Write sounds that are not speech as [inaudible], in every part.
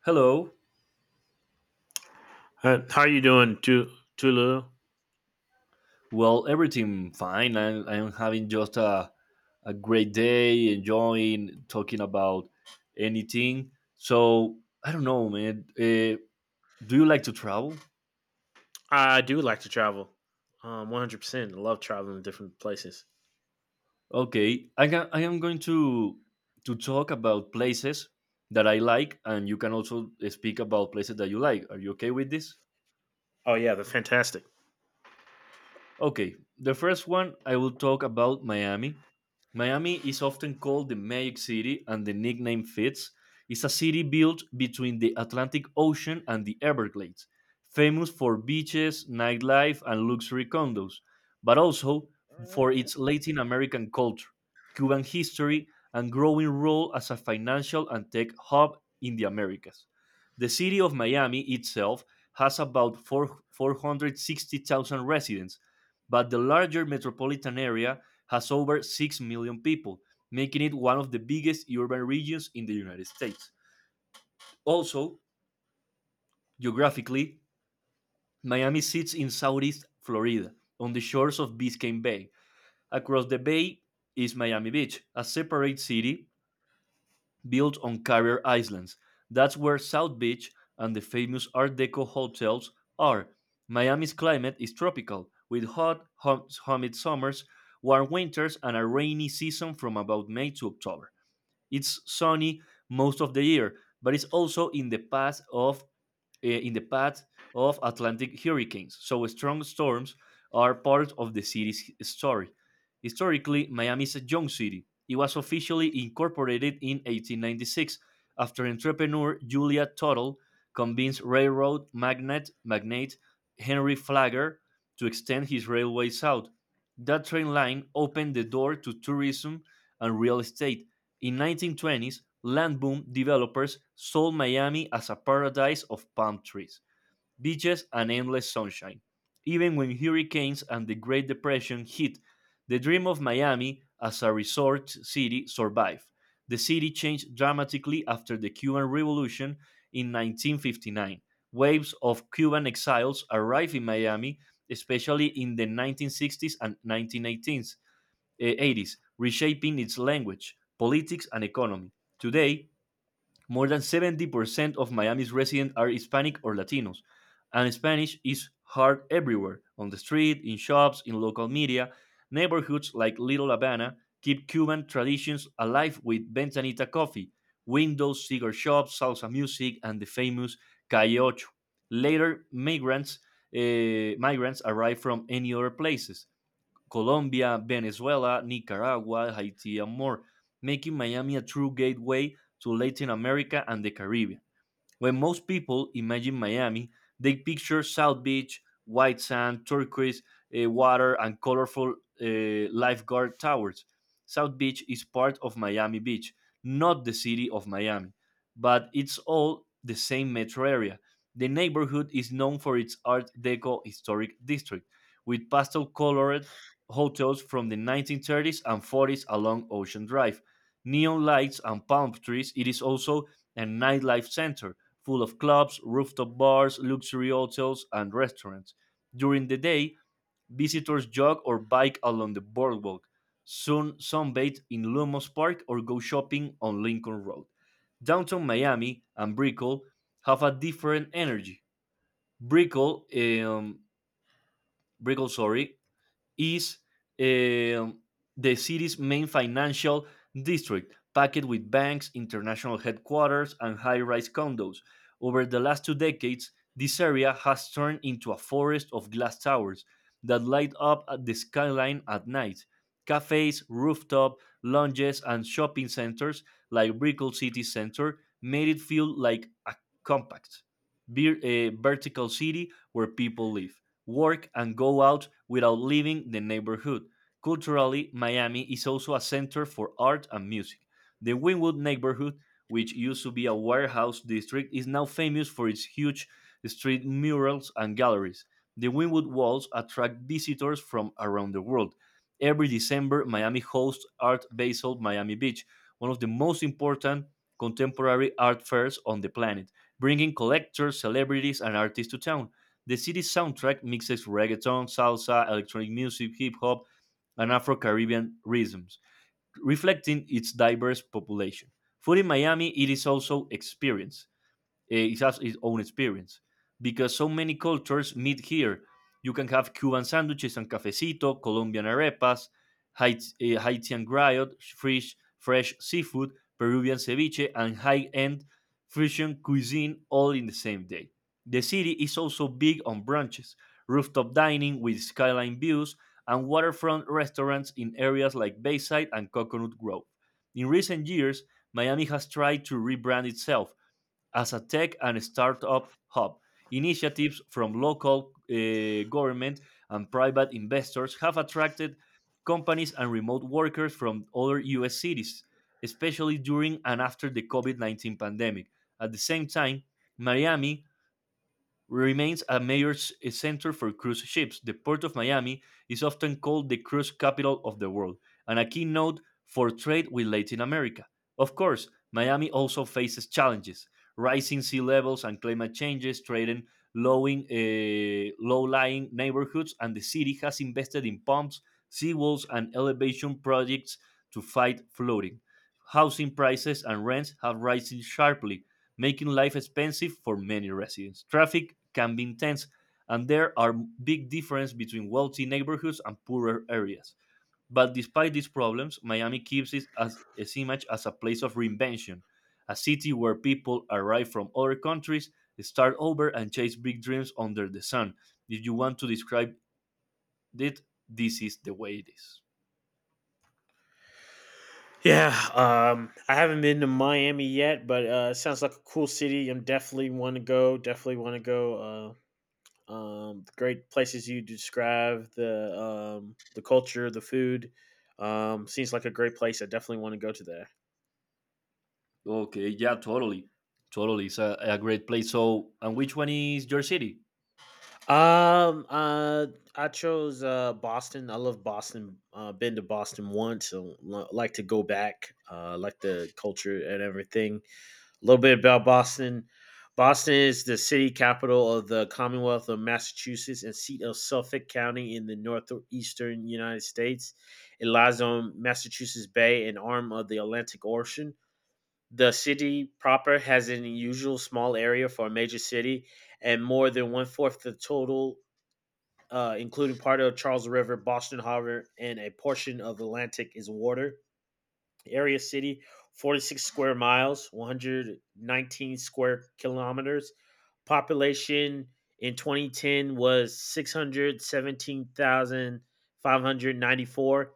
Hello. How you doing, Tulu? Well, everything fine. I'm having just a great day, enjoying talking about anything. So, I don't know, man. Do you like to travel? I do like to travel. 100%. I love traveling to different places. Okay. I am going to talk about places that I like, and you can also speak about places that you like. Are you okay with this? Oh, yeah, they're fantastic. Okay, the first one I will talk about Miami. Miami is often called the Magic City, and the nickname fits. It's a city built between the Atlantic Ocean and the Everglades, famous for beaches, nightlife, and luxury condos, but also for its Latin American culture, Cuban history, and growing role as a financial and tech hub in the Americas. The city of Miami itself has about 4 460,000 residents, but the larger metropolitan area has over 6 million people, making it one of the biggest urban regions in the United States. Also, geographically, Miami sits in southeast Florida, on the shores of Biscayne Bay. Across the bay is Miami Beach, a separate city built on Carrier Islands. That's where South Beach and the famous Art Deco hotels are. Miami's climate is tropical, with hot, humid summers, warm winters, and a rainy season from about May to October. It's sunny most of the year, but it's also in the path of in the path of Atlantic hurricanes, so strong storms are part of the city's story. Historically, Miami is a young city. It was officially incorporated in 1896, after entrepreneur Julia Tuttle convinced railroad magnate Henry Flagler to extend his railway south. That train line opened the door to tourism and real estate. In 1920s, land boom developers sold Miami as a paradise of palm trees, beaches, and endless sunshine. Even when hurricanes and the Great Depression hit, the dream of Miami as a resort city survived. The city changed dramatically after the Cuban Revolution in 1959. Waves of Cuban exiles arrived in Miami, especially in the 1960s and 80s, reshaping its language, politics, and economy. Today, more than 70% of Miami's residents are Hispanic or Latinos, and Spanish is heard everywhere on the street, in shops, in local media. Neighborhoods like Little Havana keep Cuban traditions alive with ventanita coffee, windows, cigar shops, salsa music, and the famous Calle Ocho. Later, migrants arrived from any other places: Colombia, Venezuela, Nicaragua, Haiti, and more, making Miami a true gateway to Latin America and the Caribbean. When most people imagine Miami, they picture South Beach, white sand, turquoise water, and colorful lifeguard towers. South Beach is part of Miami Beach, not the city of Miami, but it's all the same metro area. The neighborhood is known for its Art Deco historic district, with pastel colored hotels from the 1930s and 40s along Ocean Drive. Neon lights and palm trees, it is also a nightlife center full of clubs, rooftop bars, luxury hotels, and restaurants. During the day, visitors jog or bike along the boardwalk, soon sunbathe in Lumos Park or go shopping on Lincoln Road. Downtown Miami and Brickell have a different energy. Brickell, um, Brickell, sorry, is uh, the city's main financial district, packed with banks, international headquarters, and high rise condos. Over the last two decades, this area has turned into a forest of glass towers that light up at the skyline at night. Cafes, rooftop lounges, and shopping centers like Brickell City Center made it feel like a compact, vertical city where people live, work, and go out without leaving the neighborhood. Culturally, Miami is also a center for art and music. The Wynwood neighborhood, which used to be a warehouse district, is now famous for its huge street murals and galleries. The Wynwood Walls attract visitors from around the world. Every December, Miami hosts Art Basel Miami Beach, one of the most important contemporary art fairs on the planet, bringing collectors, celebrities, and artists to town. The city's soundtrack mixes reggaeton, salsa, electronic music, hip hop, and Afro Caribbean rhythms, reflecting its diverse population. Food in Miami, it is also experience eh, it has its own experience because so many cultures meet here. You can have Cuban sandwiches and cafecito, Colombian arepas, Haitian griot, fresh seafood, Peruvian ceviche, and high-end fusion cuisine all in the same day. The city is also big on brunches, rooftop dining with skyline views, and waterfront restaurants in areas like Bayside and Coconut Grove. In recent years, Miami has tried to rebrand itself as a tech and startup hub. Initiatives from local government and private investors have attracted companies and remote workers from other US cities, especially during and after the COVID 19 pandemic. At the same time, Miami remains a major center for cruise ships. The Port of Miami is often called the cruise capital of the world and a keynote for trade with Latin America. Of course, Miami also faces challenges. Rising sea levels and climate changes threaten low-lying neighborhoods, and the city has invested in pumps, seawalls, and elevation projects to fight flooding. Housing prices and rents have risen sharply, making life expensive for many residents. Traffic can be intense, and there are big differences between wealthy neighborhoods and poorer areas. But despite these problems, Miami keeps it as its image as a place of reinvention, a city where people arrive from other countries, start over, and chase big dreams under the sun. If you want to describe it, this is the way it is. Yeah, I haven't been to Miami yet, but it sounds like a cool city. I'm definitely want to go. Definitely want to go. The great places you describe, the the culture, the food. Seems like a great place. I definitely want to go to that. Okay, yeah, totally. Totally. It's a great place. So, and which one is your city? Um, uh, I chose Boston. I love Boston. Been to Boston once. So like to go back. Like the culture and everything. A little bit about Boston. Boston is the city capital of the Commonwealth of Massachusetts and seat of Suffolk County in the northeastern United States. It lies on Massachusetts Bay, an arm of the Atlantic Ocean. The city proper has an unusual small area for a major city and more than one fourth the total, including part of Charles River, Boston Harbor, and a portion of Atlantic is water. Area city, 46 square miles, 119 square kilometers. Population in 2010 was 617,594.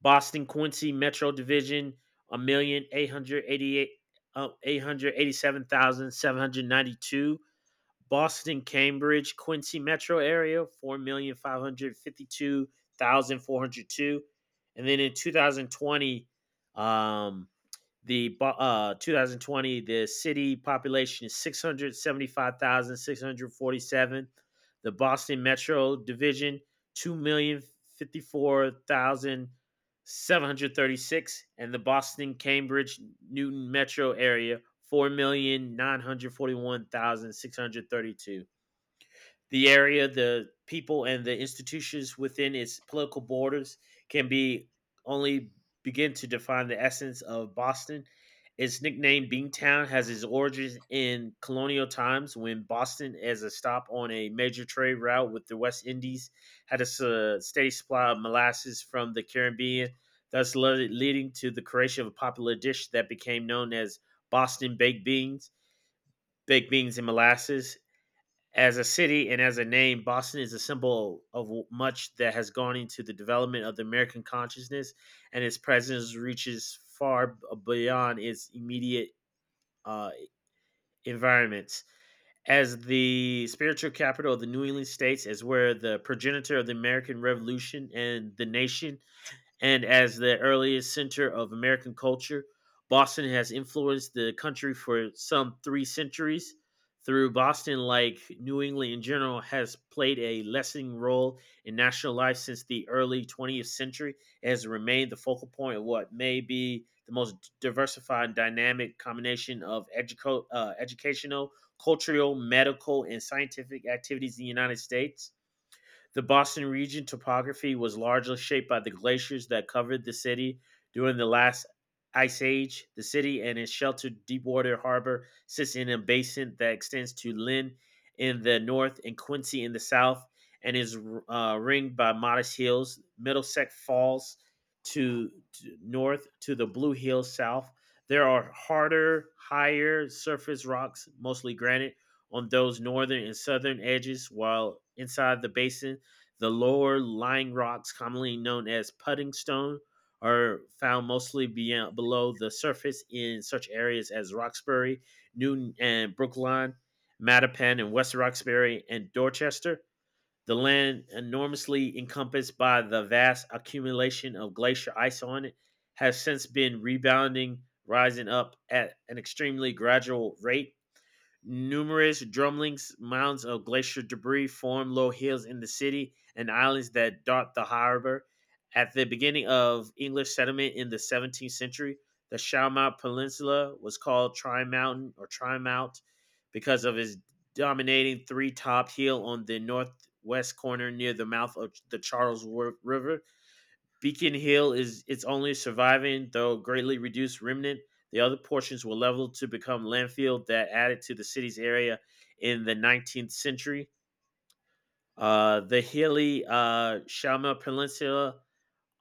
Boston Quincy Metro Division, 1,887,792. Boston, Cambridge, Quincy metro area, 4,552,402. And then in 2020, um, the city population is 675,647. The Boston Metro Division, 2,054,736. And the Boston, Cambridge, Newton Metro area, 4,941,632. The area, the people, and the institutions within its political borders can be only begin to define the essence of Boston. Its nickname, Beantown, has its origins in colonial times when Boston, as a stop on a major trade route with the West Indies, had a steady supply of molasses from the Caribbean, thus leading to the creation of a popular dish that became known as Boston baked beans. Baked beans and molasses as a city and as a name, Boston is a symbol of much that has gone into the development of the American consciousness, and its presence reaches far beyond its immediate uh, environments. As the spiritual capital of the New England states, as where the progenitor of the American Revolution and the nation and as the earliest center of American culture, Boston has influenced the country for some 3 centuries. Through Boston, like New England in general, has played a lessening role in national life since the early 20th century. It has remained the focal point of what may be the most diversified and dynamic combination of educational, cultural, medical, and scientific activities in the United States. The Boston region topography was largely shaped by the glaciers that covered the city during the last ice age. The city and its sheltered deepwater harbor sits in a basin that extends to Lynn in the north and Quincy in the south and is ringed by modest hills. Middlesex Falls to north to the Blue Hills south. There are harder, higher surface rocks, mostly granite, on those northern and southern edges, while inside the basin, the lower lying rocks, commonly known as putting stone, are found mostly beyond, below the surface in such areas as Roxbury, Newton and Brookline, Mattapan and West Roxbury, and Dorchester. The land, enormously encompassed by the vast accumulation of glacier ice on it, has since been rebounding, rising up at an extremely gradual rate. Numerous drumlins, mounds of glacier debris form low hills in the city and islands that dot the harbor. At the beginning of English settlement in the 17th century, the Shawmount Peninsula was called Tri Mountain or Tri Mount because of its dominating three top hill on the northwest corner near the mouth of the Charles River. Beacon Hill is its only surviving, though greatly reduced, remnant. The other portions were leveled to become landfill that added to the city's area in the 19th century. The hilly Shama Peninsula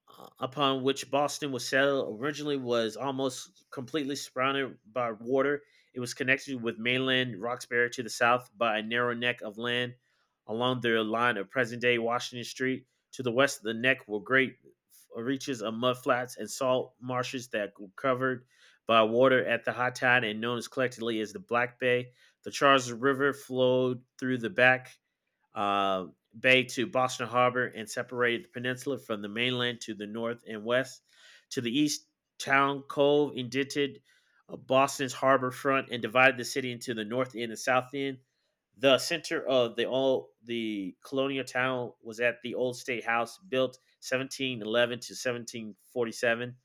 upon which Boston was settled originally was almost completely surrounded by water. It was connected with mainland Roxbury to the south by a narrow neck of land along the line of present day Washington Street. To the west of the neck were great reaches of mud flats and salt marshes that were covered by water at the high tide and known as collectively as the Black Bay. The Charles River flowed through the back uh, bay to Boston Harbor and separated the peninsula from the mainland to the north and west. To the east, Town Cove indented Boston's harbor front and divided the city into the north end and south end. The center of the colonial town was at the old state house built 1711 to 1747.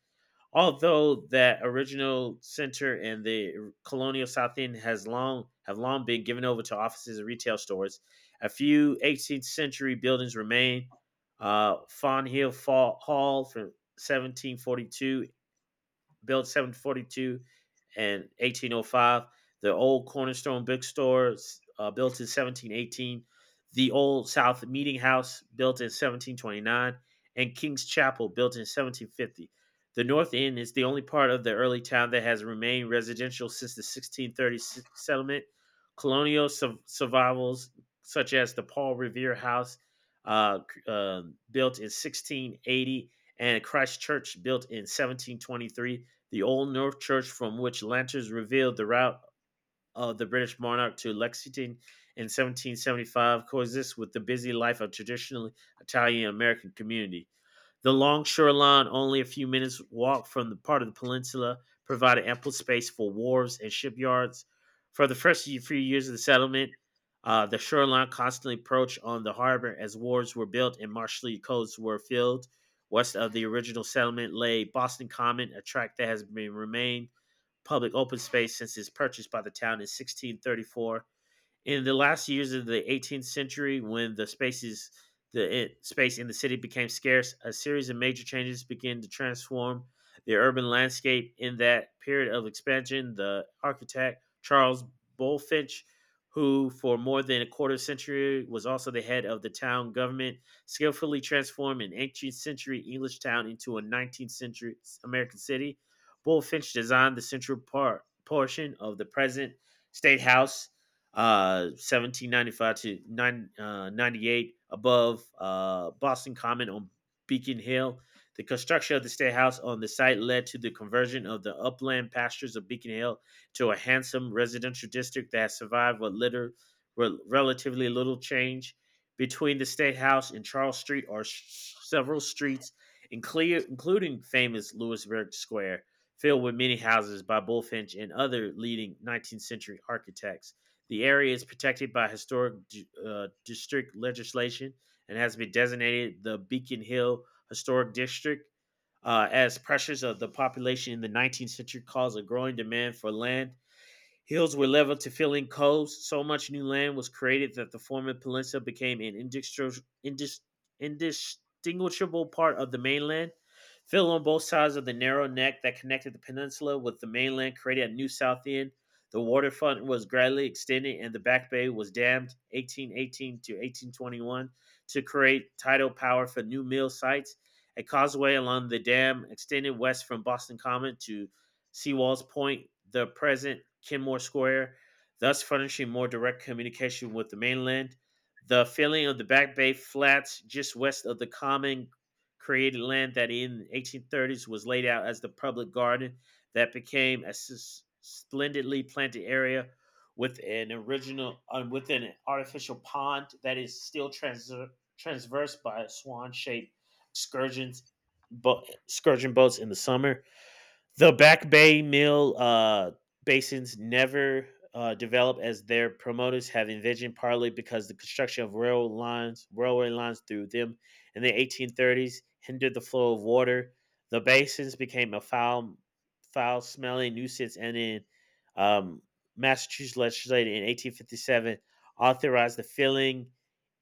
Although that original center in the colonial South End has long have long been given over to offices and retail stores, a few 18th century buildings remain. Fawn Hill Hall from 1742 built 1742 and 1805. The old Cornerstone Bookstore, built in 1718. The old South Meeting House built in 1729. And King's Chapel built in 1750. The North End is the only part of the early town that has remained residential since the 1630 settlement. Colonial survivals, such as the Paul Revere House, uh, uh, built in 1680, and Christ Church, built in 1723, the old North Church, from which lanterns revealed the route of the British monarch to Lexington in 1775, coexists with the busy life of traditionally Italian American community. The long shoreline, only a few minutes walk from the part of the peninsula, provided ample space for wharves and shipyards. For the first few years of the settlement, the shoreline constantly approached on the harbor as wharves were built and marshy coasts were filled. West of the original settlement lay Boston Common, a tract that has been remained public open space since its purchase by the town in 1634. In the last years of the 18th century, when the space in the city became scarce, a series of major changes began to transform the urban landscape. In that period of expansion, the architect Charles Bullfinch, who for more than a quarter century was also the head of the town government, skillfully transformed an 18th century English town into a 19th century American city. Bullfinch designed the central part portion of the present state house, 1795 to 98, above Boston Common on Beacon Hill. The construction of the state house on the site led to the conversion of the upland pastures of Beacon Hill to a handsome residential district that has survived what little, relatively little change. Between the state house and Charles Street are several streets, including famous Lewisburg Square, filled with many houses by Bullfinch and other leading 19th century architects. The area is protected by historic district legislation and has been designated the Beacon Hill Historic District. As pressures of the population in the 19th century caused a growing demand for land, hills were leveled to fill in coves. So much new land was created that the former peninsula became an indistinguishable part of the mainland. Fill on both sides of the narrow neck that connected the peninsula with the mainland created a new south end. The waterfront was gradually extended and the back bay was dammed 1818 to 1821 to create tidal power for new mill sites. A causeway along the dam extended west from Boston Common to Seawall's Point, the present Kenmore Square, thus furnishing more direct communication with the mainland. The filling of the Back Bay Flats just west of the common created land that in the 1830s was laid out as the public garden that became a splendidly planted area with an original with an artificial pond that is still transversed by swan-shaped scourgeons, scourging boats in the summer. The Back Bay Mill basins never developed as their promoters have envisioned, partly because the construction of railway lines through them in the 1830s hindered the flow of water. The basins became a foul-smelling nuisance, and in um, Massachusetts legislature in 1857 authorized the filling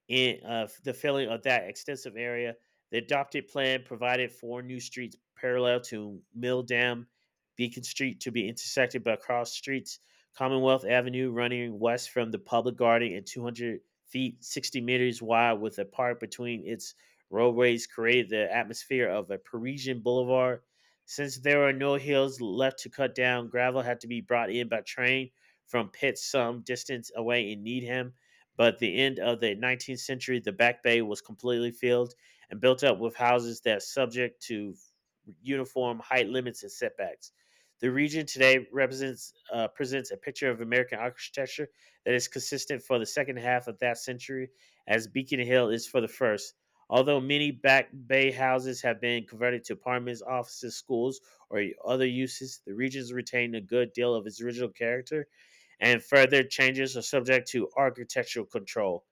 in uh, the filling of that extensive area. The adopted plan provided four new streets parallel to Mill Dam, Beacon Street to be intersected by cross streets, Commonwealth Avenue running west from the public garden and 200 feet, 60 meters wide, with a park between its roadways, created the atmosphere of a Parisian boulevard. Since there are no hills left to cut down, gravel had to be brought in by train from pits some distance away in Needham, but at the end of the 19th century, the Back Bay was completely filled and built up with houses that are subject to uniform height limits and setbacks. The region today represents presents a picture of American architecture that is consistent for the second half of that century, as Beacon Hill is for the first. Although many Back Bay houses have been converted to apartments, offices, schools, or other uses, the region's retained a good deal of its original character and further changes are subject to architectural control.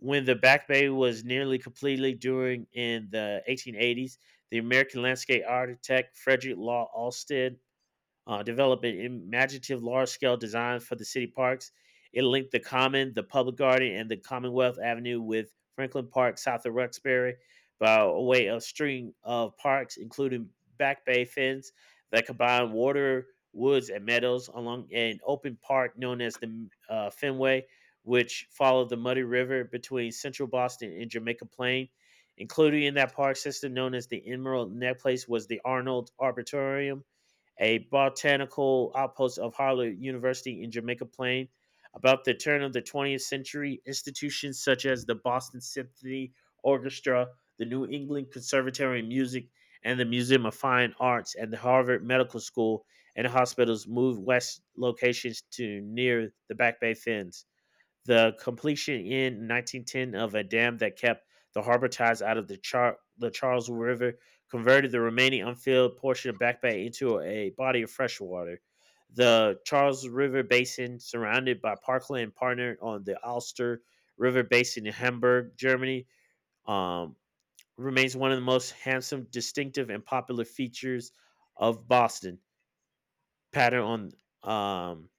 When the Back Bay was nearly completely during in the 1880s, the American landscape architect Frederick Law Olmsted develop an imaginative large scale design for the city parks. It linked the Common, the Public Garden, and the Commonwealth Avenue with Franklin Park south of Roxbury by a way of string of parks, including Back Bay Fens that combine water, woods, and meadows along an open park known as the Fenway, which followed the Muddy River between central Boston and Jamaica Plain. Included in that park system known as the Emerald Necklace was the Arnold Arboretum, a botanical outpost of Harvard University in Jamaica Plain. About the turn of the 20th century, institutions such as the Boston Symphony Orchestra, the New England Conservatory of Music, and the Museum of Fine Arts and the Harvard Medical School and hospitals moved west locations to near the Back Bay Fens the completion in 1910 of a dam that kept the harbor ties out of the, the Charles River converted the remaining unfilled portion of Back Bay into a body of fresh water. The Charles River Basin, surrounded by parkland, partnered on the Alster River Basin in Hamburg, Germany, um, remains one of the most handsome, distinctive, and popular features of Boston. Pattern on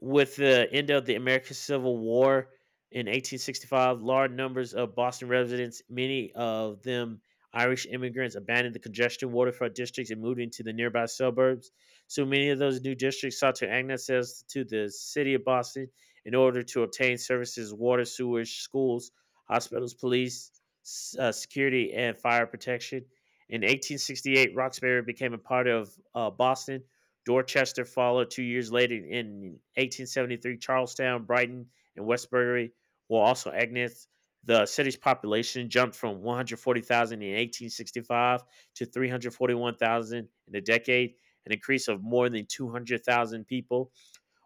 with the end of the American Civil War in 1865, large numbers of Boston residents, many of them Irish immigrants, abandoned the congested waterfront districts and moved into the nearby suburbs. So many of those new districts sought to annex themselves to the city of Boston in order to obtain services, water, sewage, schools, hospitals, police, security, and fire protection. In 1868, Roxbury became a part of Boston Dorchester followed two years later in 1873. Charlestown, Brighton, and Westbury were also agnates. The city's population jumped from 140,000 in 1865 to 341,000 in a decade, an increase of more than 200,000 people.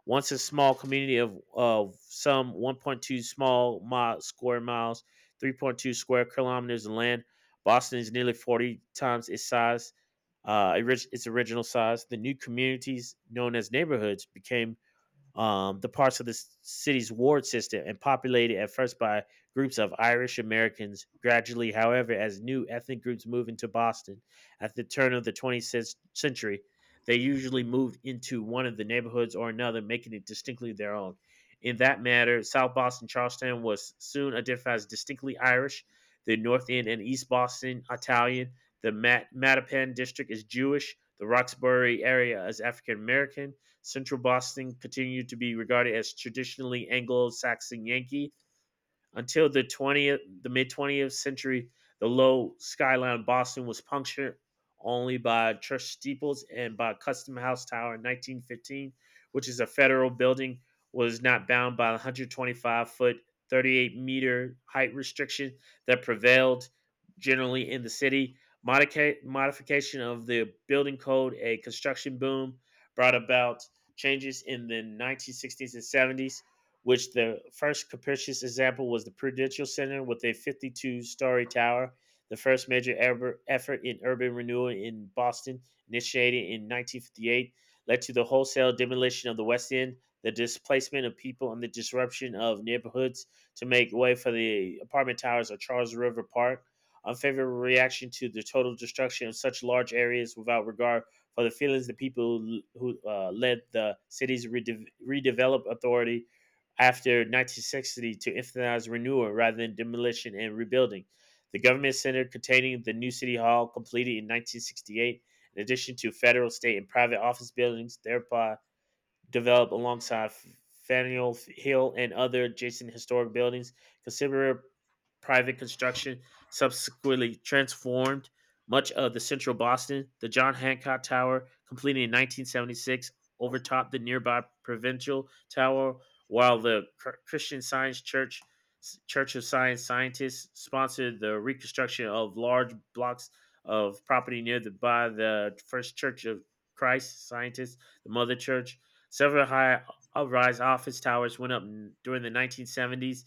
Once a small community of, some 1.2 square miles, 3.2 square kilometers of land, Boston is nearly 40 times its size, uh, its original size. The new communities, known as neighborhoods, became the parts of the city's ward system and populated at first by groups of Irish Americans. Gradually, however, as new ethnic groups moved into Boston at the turn of the 20th century, they usually moved into one of the neighborhoods or another, making it distinctly their own. In that matter, South Boston Charlestown was soon identified as distinctly Irish. The North End and East Boston Italian. The Mattapan district is Jewish. The Roxbury area is African American Central Boston continued to be regarded as traditionally Anglo Saxon Yankee until the the mid 20th century, the low skyline of Boston was punctured only by church steeples and by Custom House Tower in 1915, which is a federal building, was not bound by the 125 foot, 38-meter height restriction that prevailed generally in the city. Modification of the building code, a construction boom, brought about changes in the 1960s and '70s which the first capricious example was the Prudential Center with a 52-story tower, the first major ever effort in urban renewal in Boston, initiated in 1958, led to the wholesale demolition of the West End, the displacement of people, and the disruption of neighborhoods to make way for the apartment towers of Charles River Park. Unfavorable reaction to the total destruction of such large areas without regard for the feelings of the people who led the city's redevelop authority after 1960 to emphasize renewal rather than demolition and rebuilding. The government center containing the new city hall completed in 1968, in addition to federal, state, and private office buildings, thereby developed alongside Faneuil Hill and other adjacent historic buildings, considerable private construction subsequently transformed much of the central Boston. The John Hancock Tower, completed in 1976, overtopped the nearby Provincial Tower, while the Christian Science Church Church of Science scientists sponsored the reconstruction of large blocks of property near the by the First Church of Christ scientists, the Mother Church. Several high rise office towers went up during the 1970s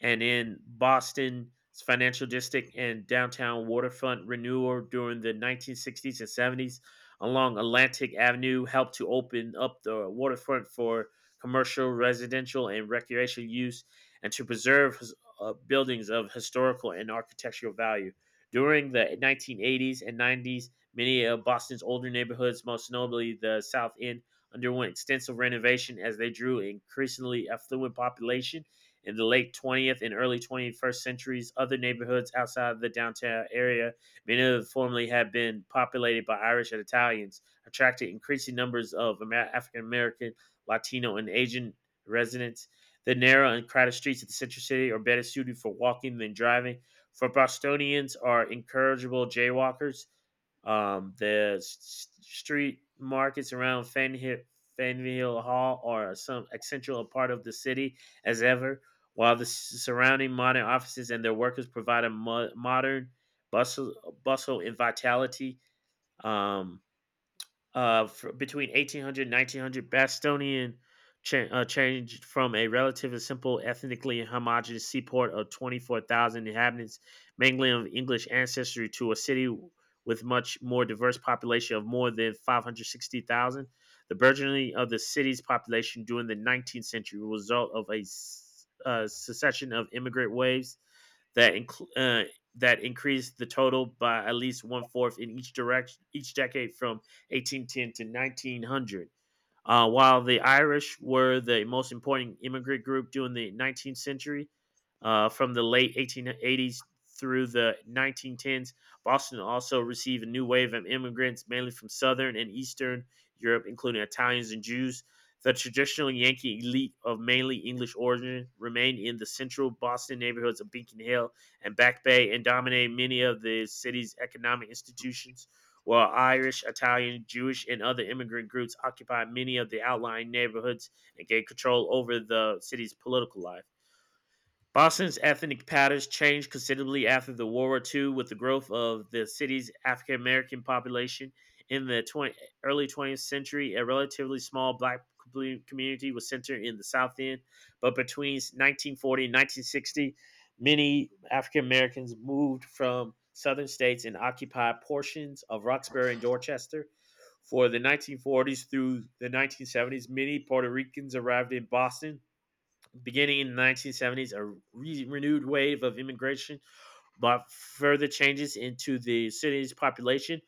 and in Boston's financial district and downtown waterfront renewal during the 1960s and '70s along Atlantic Avenue helped to open up the waterfront for commercial, residential, and recreational use and to preserve buildings of historical and architectural value. During the 1980s and '90s, many of Boston's older neighborhoods, most notably the South End, underwent extensive renovation as they drew increasingly affluent population in the late 20th and early 21st centuries. Other neighborhoods outside of the downtown area, many of them formerly had been populated by Irish and Italians, attracted increasing numbers of African American, Latino, and Asian residents. The narrow and crowded streets of the central city are better suited for walking than driving. For Bostonians are incorrigible jaywalkers. The street markets around Faneuil Hall are some essential part of the city as ever, while the surrounding modern offices and their workers provide a modern bustle and vitality. Um, fr between 1800 1900, Bastonian changed from a relatively simple, ethnically homogeneous seaport of 24,000 inhabitants, mainly of English ancestry, to a city with much more diverse population of more than 560,000. The burgeoning of the city's population during the 19th century was a result of a succession of immigrant waves that incl- uh, that increased the total by at least one fourth in each direction each decade from 1810 to 1900. While the Irish were the most important immigrant group during the 19th century, from the late 1880s through the 1910s, Boston also received a new wave of immigrants, mainly from Southern and Eastern Europe, including Italians and Jews. The traditional Yankee elite of mainly English origin remained in the central Boston neighborhoods of Beacon Hill and Back Bay and dominated many of the city's economic institutions. While Irish, Italian, Jewish, and other immigrant groups occupied many of the outlying neighborhoods and gained control over the city's political life. Boston's ethnic patterns changed considerably after the World War II with the growth of the city's African American population. In the early 20th century, a relatively small black community was centered in the South End, but between 1940 and 1960, many African Americans moved from southern states and occupied portions of Roxbury and Dorchester. For the 1940s through the 1970s, many Puerto Ricans arrived in Boston beginning in the 1970s, a renewed wave of immigration brought further changes into the city's population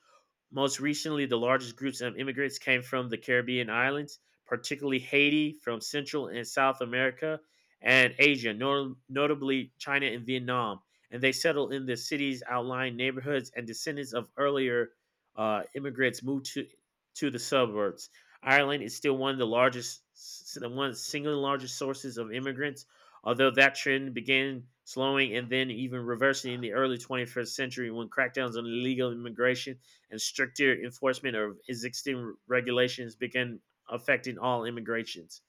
most recently, the largest groups of immigrants came from the Caribbean islands, particularly Haiti, from Central and South America, and Asia, notably China and Vietnam. And they settled in the cities, outlying neighborhoods, and descendants of earlier immigrants moved to the suburbs. Ireland is still one of the largest, one of the single largest sources of immigrants, although that trend began slowing and then even reversing in the early 21st century when crackdowns on illegal immigration and stricter enforcement of existing regulations began affecting all immigrations.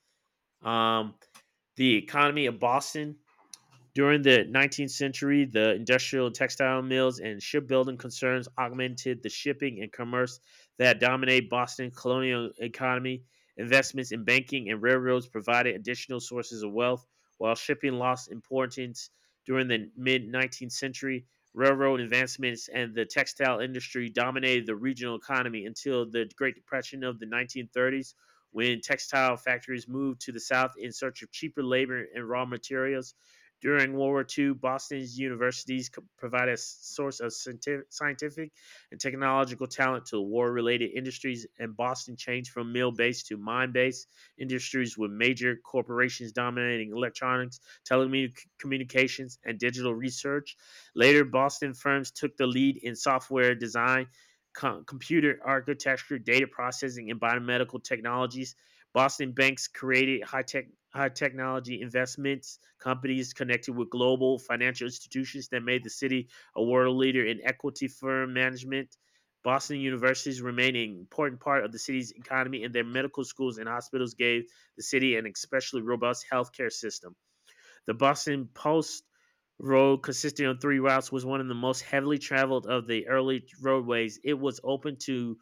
Um, the economy of Boston during the 19th century, the industrial and textile mills and shipbuilding concerns augmented the shipping and commerce that dominated Boston's colonial economy. Investments in banking and railroads provided additional sources of wealth, while shipping lost importance during the mid 19th century. Railroad advancements and the textile industry dominated the regional economy until the Great Depression of the 1930s, when textile factories moved to the South in search of cheaper labor and raw materials. During World War II, Boston's universities provided a source of scientific and technological talent to war related industries, and Boston changed from mill based to mine based industries with major corporations dominating electronics, telecommunications, and digital research. Later, Boston firms took the lead in software design, computer architecture, data processing, and biomedical technologies. Boston banks created high technology investments companies connected with global financial institutions that made the city a world leader in equity firm management. Boston universities remain an important part of the city's economy, and their medical schools and hospitals gave the city an especially robust healthcare system. The Boston Post Road, consisting of 3 routes, was one of the most heavily traveled of the early roadways. It was open to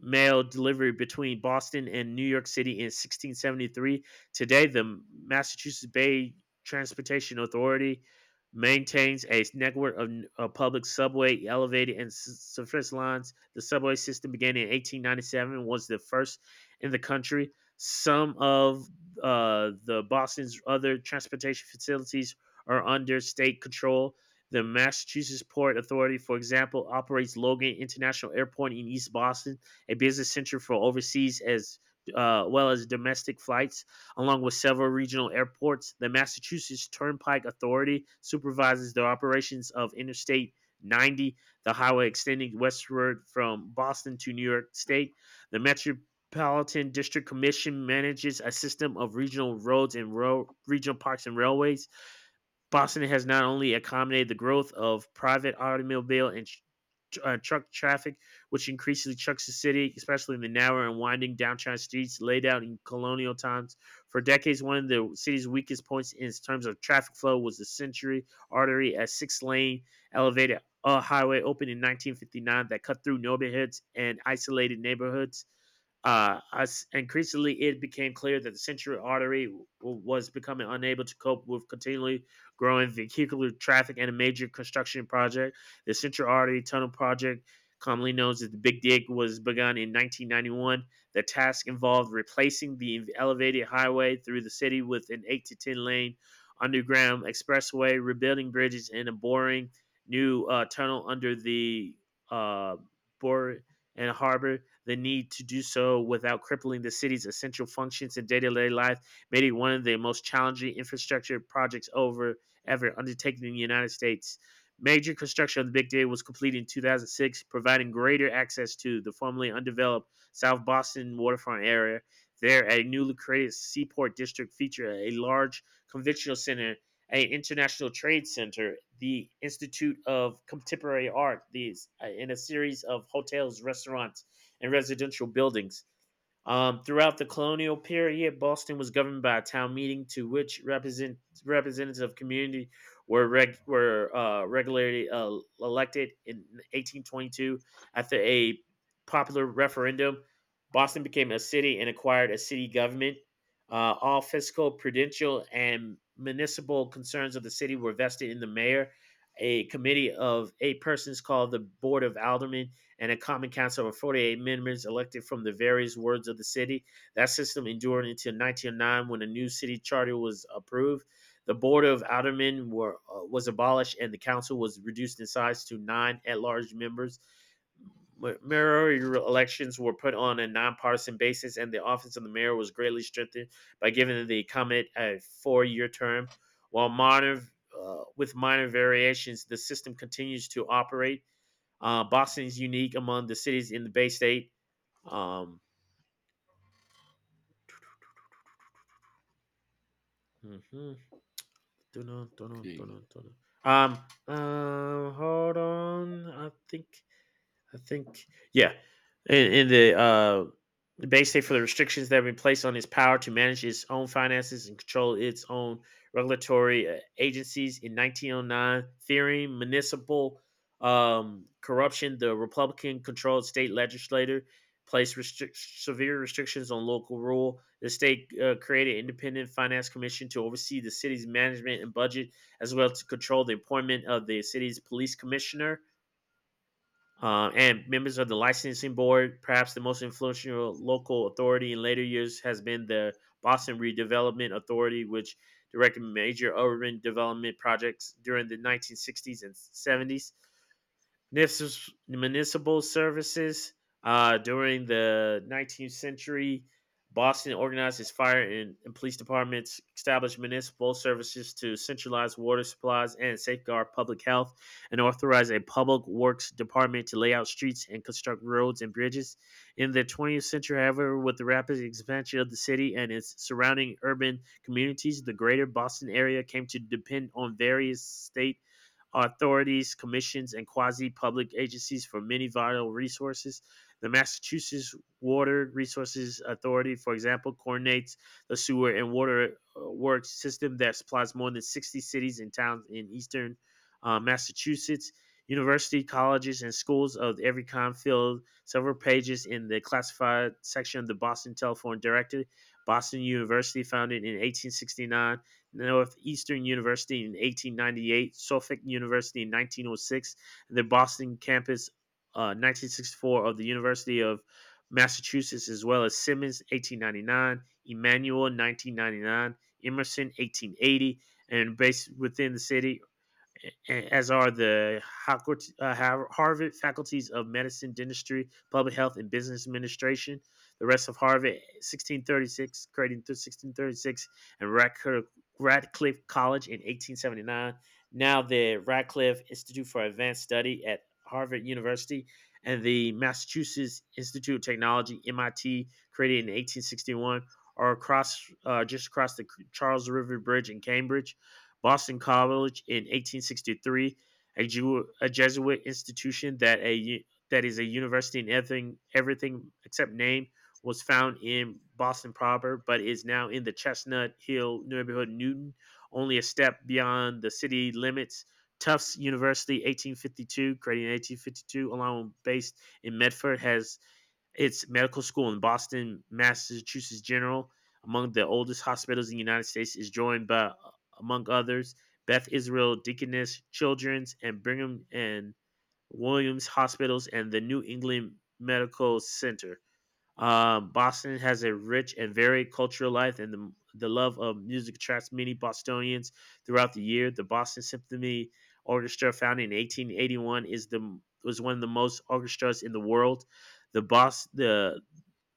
mail delivery between Boston and New York City in 1673. Today, the Massachusetts Bay Transportation Authority maintains a network of, public subway, elevated, and surface lines. The subway system began in 1897 and was the first in the country. Some of the Boston's other transportation facilities are under state control. The Massachusetts Port Authority, for example, operates Logan International Airport in East Boston a business center for overseas as well as domestic flights, along with several regional airports. The Massachusetts Turnpike Authority supervises the operations of Interstate 90, the highway extending westward from Boston to New York State. The Metropolitan District Commission manages a system of regional roads and regional parks and railways. Boston has not only accommodated the growth of private automobile and truck traffic, which increasingly chucks the city, especially in the narrow and winding downtown streets laid out in colonial times. For decades, one of the city's weakest points in terms of traffic flow was the Century Artery, a six-lane elevated highway opened in 1959 that cut through neighborhoods and isolated neighborhoods as increasingly it became clear that the century artery was becoming unable to cope with continually growing vehicular traffic and a major construction project. The Central Artery Tunnel Project, commonly known as the Big Dig, was begun in 1991. The task involved replacing the elevated highway through the city with an 8 to 10 lane underground expressway, rebuilding bridges, and a boring new tunnel under the uh, Bor- and harbor. The need to do so without crippling the city's essential functions and day-to-day life made it one of the most challenging infrastructure projects over effort undertaken in the United States. Major construction of the Big Data was completed in 2006, providing greater access to the formerly undeveloped South Boston waterfront area. There, a newly created seaport district featured a large convention center, an international trade center, the Institute of Contemporary Art, these, and a series of hotels, restaurants, and residential buildings. Throughout the colonial period, Boston was governed by a town meeting to which representatives of community were reg, were regularly elected in 1822. After a popular referendum, Boston became a city and acquired a city government. All fiscal, prudential, and municipal concerns of the city were vested in the mayor. A committee of eight persons called the Board of Aldermen and a common council of 48 members elected from the various wards of the city. That system endured until 1909 when a new city charter was approved. The Board of Aldermen was abolished and the council was reduced in size to nine at large members. Mayor elections were put on a nonpartisan basis, and the office of the mayor was greatly strengthened by giving the incumbent a four-year term. While minor, with minor variations, the system continues to operate. Boston is unique among the cities in the Bay State. Um, hmm, not know, don't know, Okay. don't know. Hold on. I think, yeah, in the base state for the restrictions that have been placed on its power to manage its own finances and control its own regulatory agencies in 1909, fearing municipal corruption, the Republican-controlled state legislature placed severe restrictions on local rule. The state created an independent finance commission to oversee the city's management and budget, as well to control the appointment of the city's police commissioner. And members of the licensing board, perhaps the most influential local authority in later years, has been the Boston Redevelopment Authority, which directed major urban development projects during the 1960s and 70s. Municipal services. During the 19th century, Boston organized its fire and police departments, established municipal services to centralize water supplies and safeguard public health, and authorized a public works department to lay out streets and construct roads and bridges. In the 20th century, however, with the rapid expansion of the city and its surrounding urban communities, the greater Boston area came to depend on various state authorities, commissions, and quasi public agencies for many vital resources. The Massachusetts Water Resources Authority, for example, coordinates the sewer and water works system that supplies more than 60 cities and towns in eastern Massachusetts. University, colleges, and schools of every kind filled several pages in the classified section of the Boston Telephone Directory. Boston University, founded in 1869, Northeastern University in 1898, Suffolk University in 1906, and the Boston campus 1964 of the University of Massachusetts, as well as Simmons 1899, Emmanuel 1999, Emerson 1880, and based within the city as are the Harvard faculties of medicine, dentistry, public health, and business administration. The rest of Harvard, 1636, created in 1636, and Radcliffe College in 1879. Now the Radcliffe Institute for Advanced Study at Harvard University and the Massachusetts Institute of Technology, MIT, created in 1861, are across just across the Charles River Bridge in Cambridge. Boston College in 1863, a Jesuit institution that is a university in everything except name, was found in Boston proper, but is now in the Chestnut Hill neighborhood, Newton, only a step beyond the city limits. Tufts University, 1852, created in 1852, along based in Medford, has its medical school in Boston. Massachusetts General, among the oldest hospitals in the United States, is joined by, among others, Beth Israel Deaconess Children's and Brigham and Williams Hospitals and the New England Medical Center. Boston has a rich and varied cultural life, and the love of music attracts many Bostonians throughout the year. The Boston Symphony Orchestra, founded in 1881, is the was one of the most orchestras in the world. The Bos- the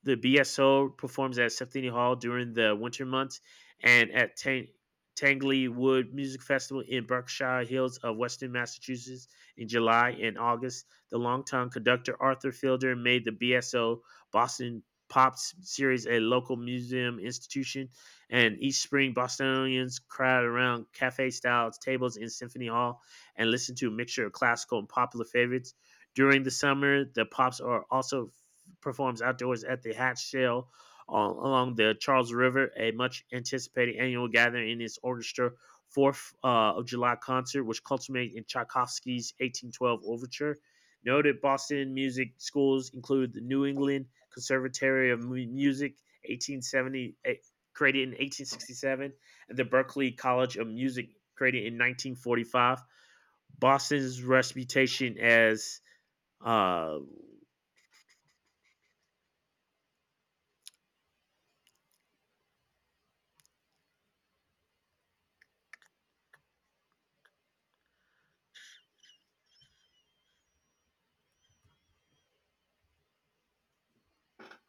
the BSO performs at Symphony Hall during the winter months and at Tangley Wood Music Festival in Berkshire Hills of Western Massachusetts in July and August. The longtime conductor Arthur Fielder made the BSO Boston Pop Series a local museum institution, and each spring Bostonians crowd around cafe-style tables in Symphony Hall and listen to a mixture of classical and popular favorites. During the summer, the Pops are also performs outdoors at the Hatch Shell along the Charles River, a much anticipated annual gathering in its orchestra Fourth of July concert, which culminated in Tchaikovsky's 1812 Overture. Noted Boston music schools include the New England Conservatory of Music, 1870, eh, created in 1867, and the Berklee College of Music, created in 1945. Boston's reputation as uh,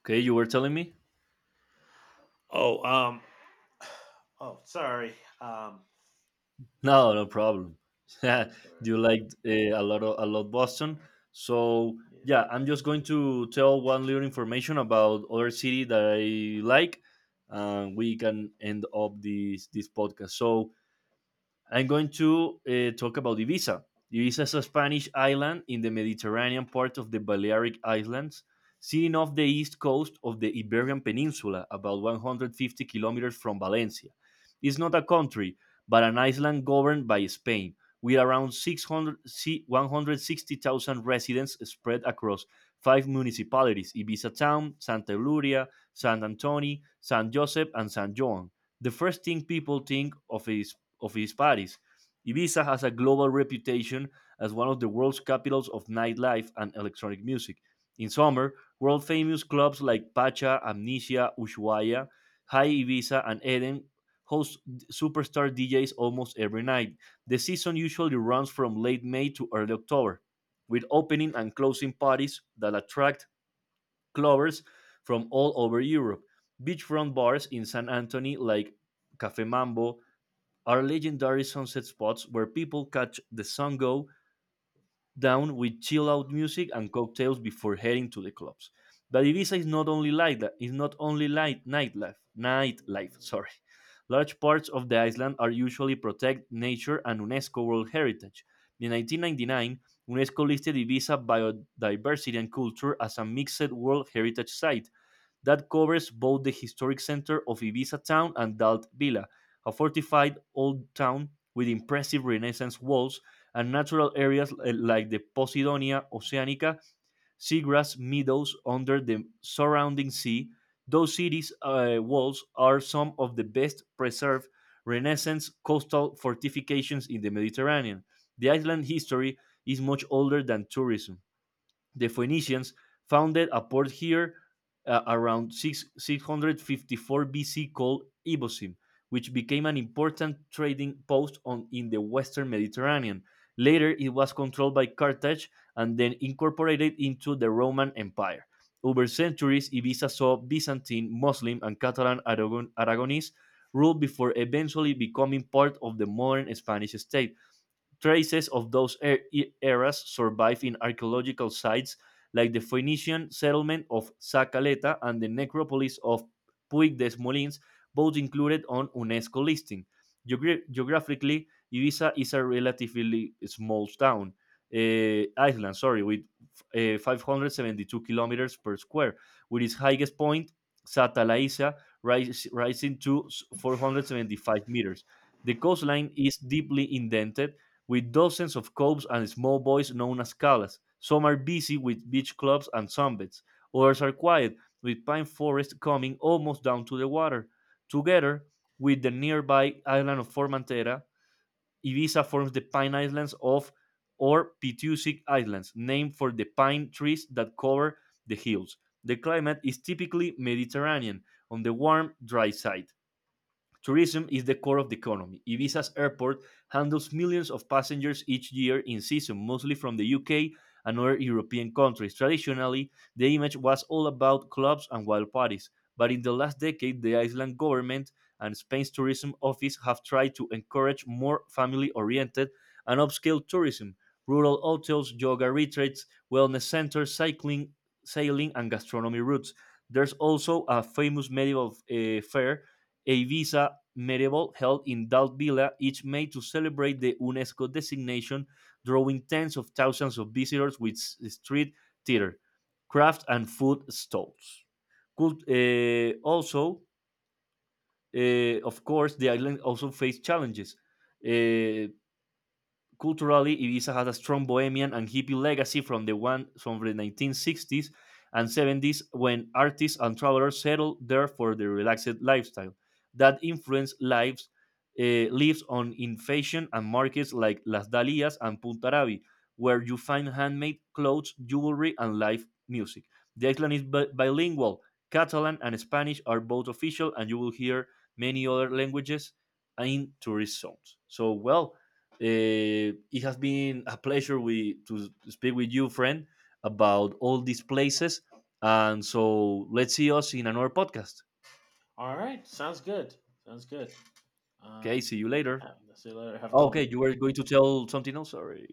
Okay, you were telling me? oh um, Oh, sorry. Um, No, no problem. [laughs] Sorry, sorry. You liked a lot of, a lot Boston. So Yeah. yeah, I'm just going to tell one little information about other city that I like, and we can end up this podcast. So I'm going to talk about Ibiza. Ibiza is a Spanish island in the Mediterranean part of the Balearic Islands, sitting off the east coast of the Iberian Peninsula, about 150 kilometers from Valencia. It's not a country, but an island governed by Spain, with around 160,000 residents spread across five municipalities: Ibiza Town, Santa Eulalia, San Antoni, San Josep, and San Joan. The first thing people think of is of its parties. Ibiza has a global reputation as one of the world's capitals of nightlife and electronic music. In summer, world famous clubs like Pacha, Amnesia, Ushuaia, High Ibiza, and Eden host superstar DJs almost every night. The season usually runs from late May to early October, with opening and closing parties that attract clubbers from all over Europe. Beachfront bars in San Antonio, like Cafe Mambo, are legendary sunset spots where people catch the sun go down with chill out music and cocktails before heading to the clubs. But Ibiza is not only like that, it's not only nightlife. [laughs] Mm. Sorry. Large parts of the island are usually protected nature and UNESCO World Heritage. In 1999, UNESCO listed Ibiza biodiversity and culture as a mixed World Heritage Site, that covers both the historic center of Ibiza town and Dalt Villa, a fortified old town with impressive Renaissance walls, and natural areas like the Posidonia Oceanica, seagrass meadows under the surrounding sea. Those cities' walls are some of the best preserved Renaissance coastal fortifications in the Mediterranean. The island history is much older than tourism. The Phoenicians founded a port here around 654 BC called Ibosim, which became an important trading post on, in the western Mediterranean. Later, it was controlled by Carthage and then incorporated into the Roman Empire. Over centuries, Ibiza saw Byzantine, Muslim, and Catalan Aragonese rule before eventually becoming part of the modern Spanish state. Traces of those eras survive in archaeological sites like the Phoenician settlement of Zacaleta and the necropolis of Puig des Molins, both included on UNESCO listing. Geographically, Ibiza is a relatively small island, sorry, with 572 kilometers per square, with its highest point, Satalaisa, rising to 475 meters. The coastline is deeply indented, with dozens of coves and small boys known as calas. Some are busy with beach clubs and sunbeds. Others are quiet, with pine forests coming almost down to the water. Together with the nearby island of Formentera, Ibiza forms the Pine Islands of or Pitusic Islands, named for the pine trees that cover the hills. The climate is typically Mediterranean on the warm, dry side. Tourism is the core of the economy. Ibiza's airport handles millions of passengers each year in season, mostly from the UK and other European countries. Traditionally, the image was all about clubs and wild parties, but in the last decade, the Iceland government and Spain's tourism office have tried to encourage more family oriented and upscale tourism. Rural hotels, yoga retreats, wellness centers, cycling, sailing, and gastronomy routes. There's also a famous medieval fair, a Visa medieval held in Dalt Villa each made to celebrate the UNESCO designation, drawing tens of thousands of visitors with street theater, craft, and food stalls. Could, uh, also, of course, the island also faced challenges. Uh, Culturally, Ibiza has a strong bohemian and hippie legacy from the one from the 1960s and 70s when artists and travelers settled there for their relaxed lifestyle. That influence lives on in fashion and markets like Las Dalias and Puntarabi, where you find handmade clothes, jewelry, and live music. The island is bilingual. Catalan and Spanish are both official, and you will hear many other languages in tourist zones. So, well, it has been a pleasure we to speak with you, friend, about all these places. And so let's see us in another podcast. All right. Sounds good. Sounds good. Okay, Um, see you later. have, see you later. Have a good Okay, one. you were going to tell something else. Sorry.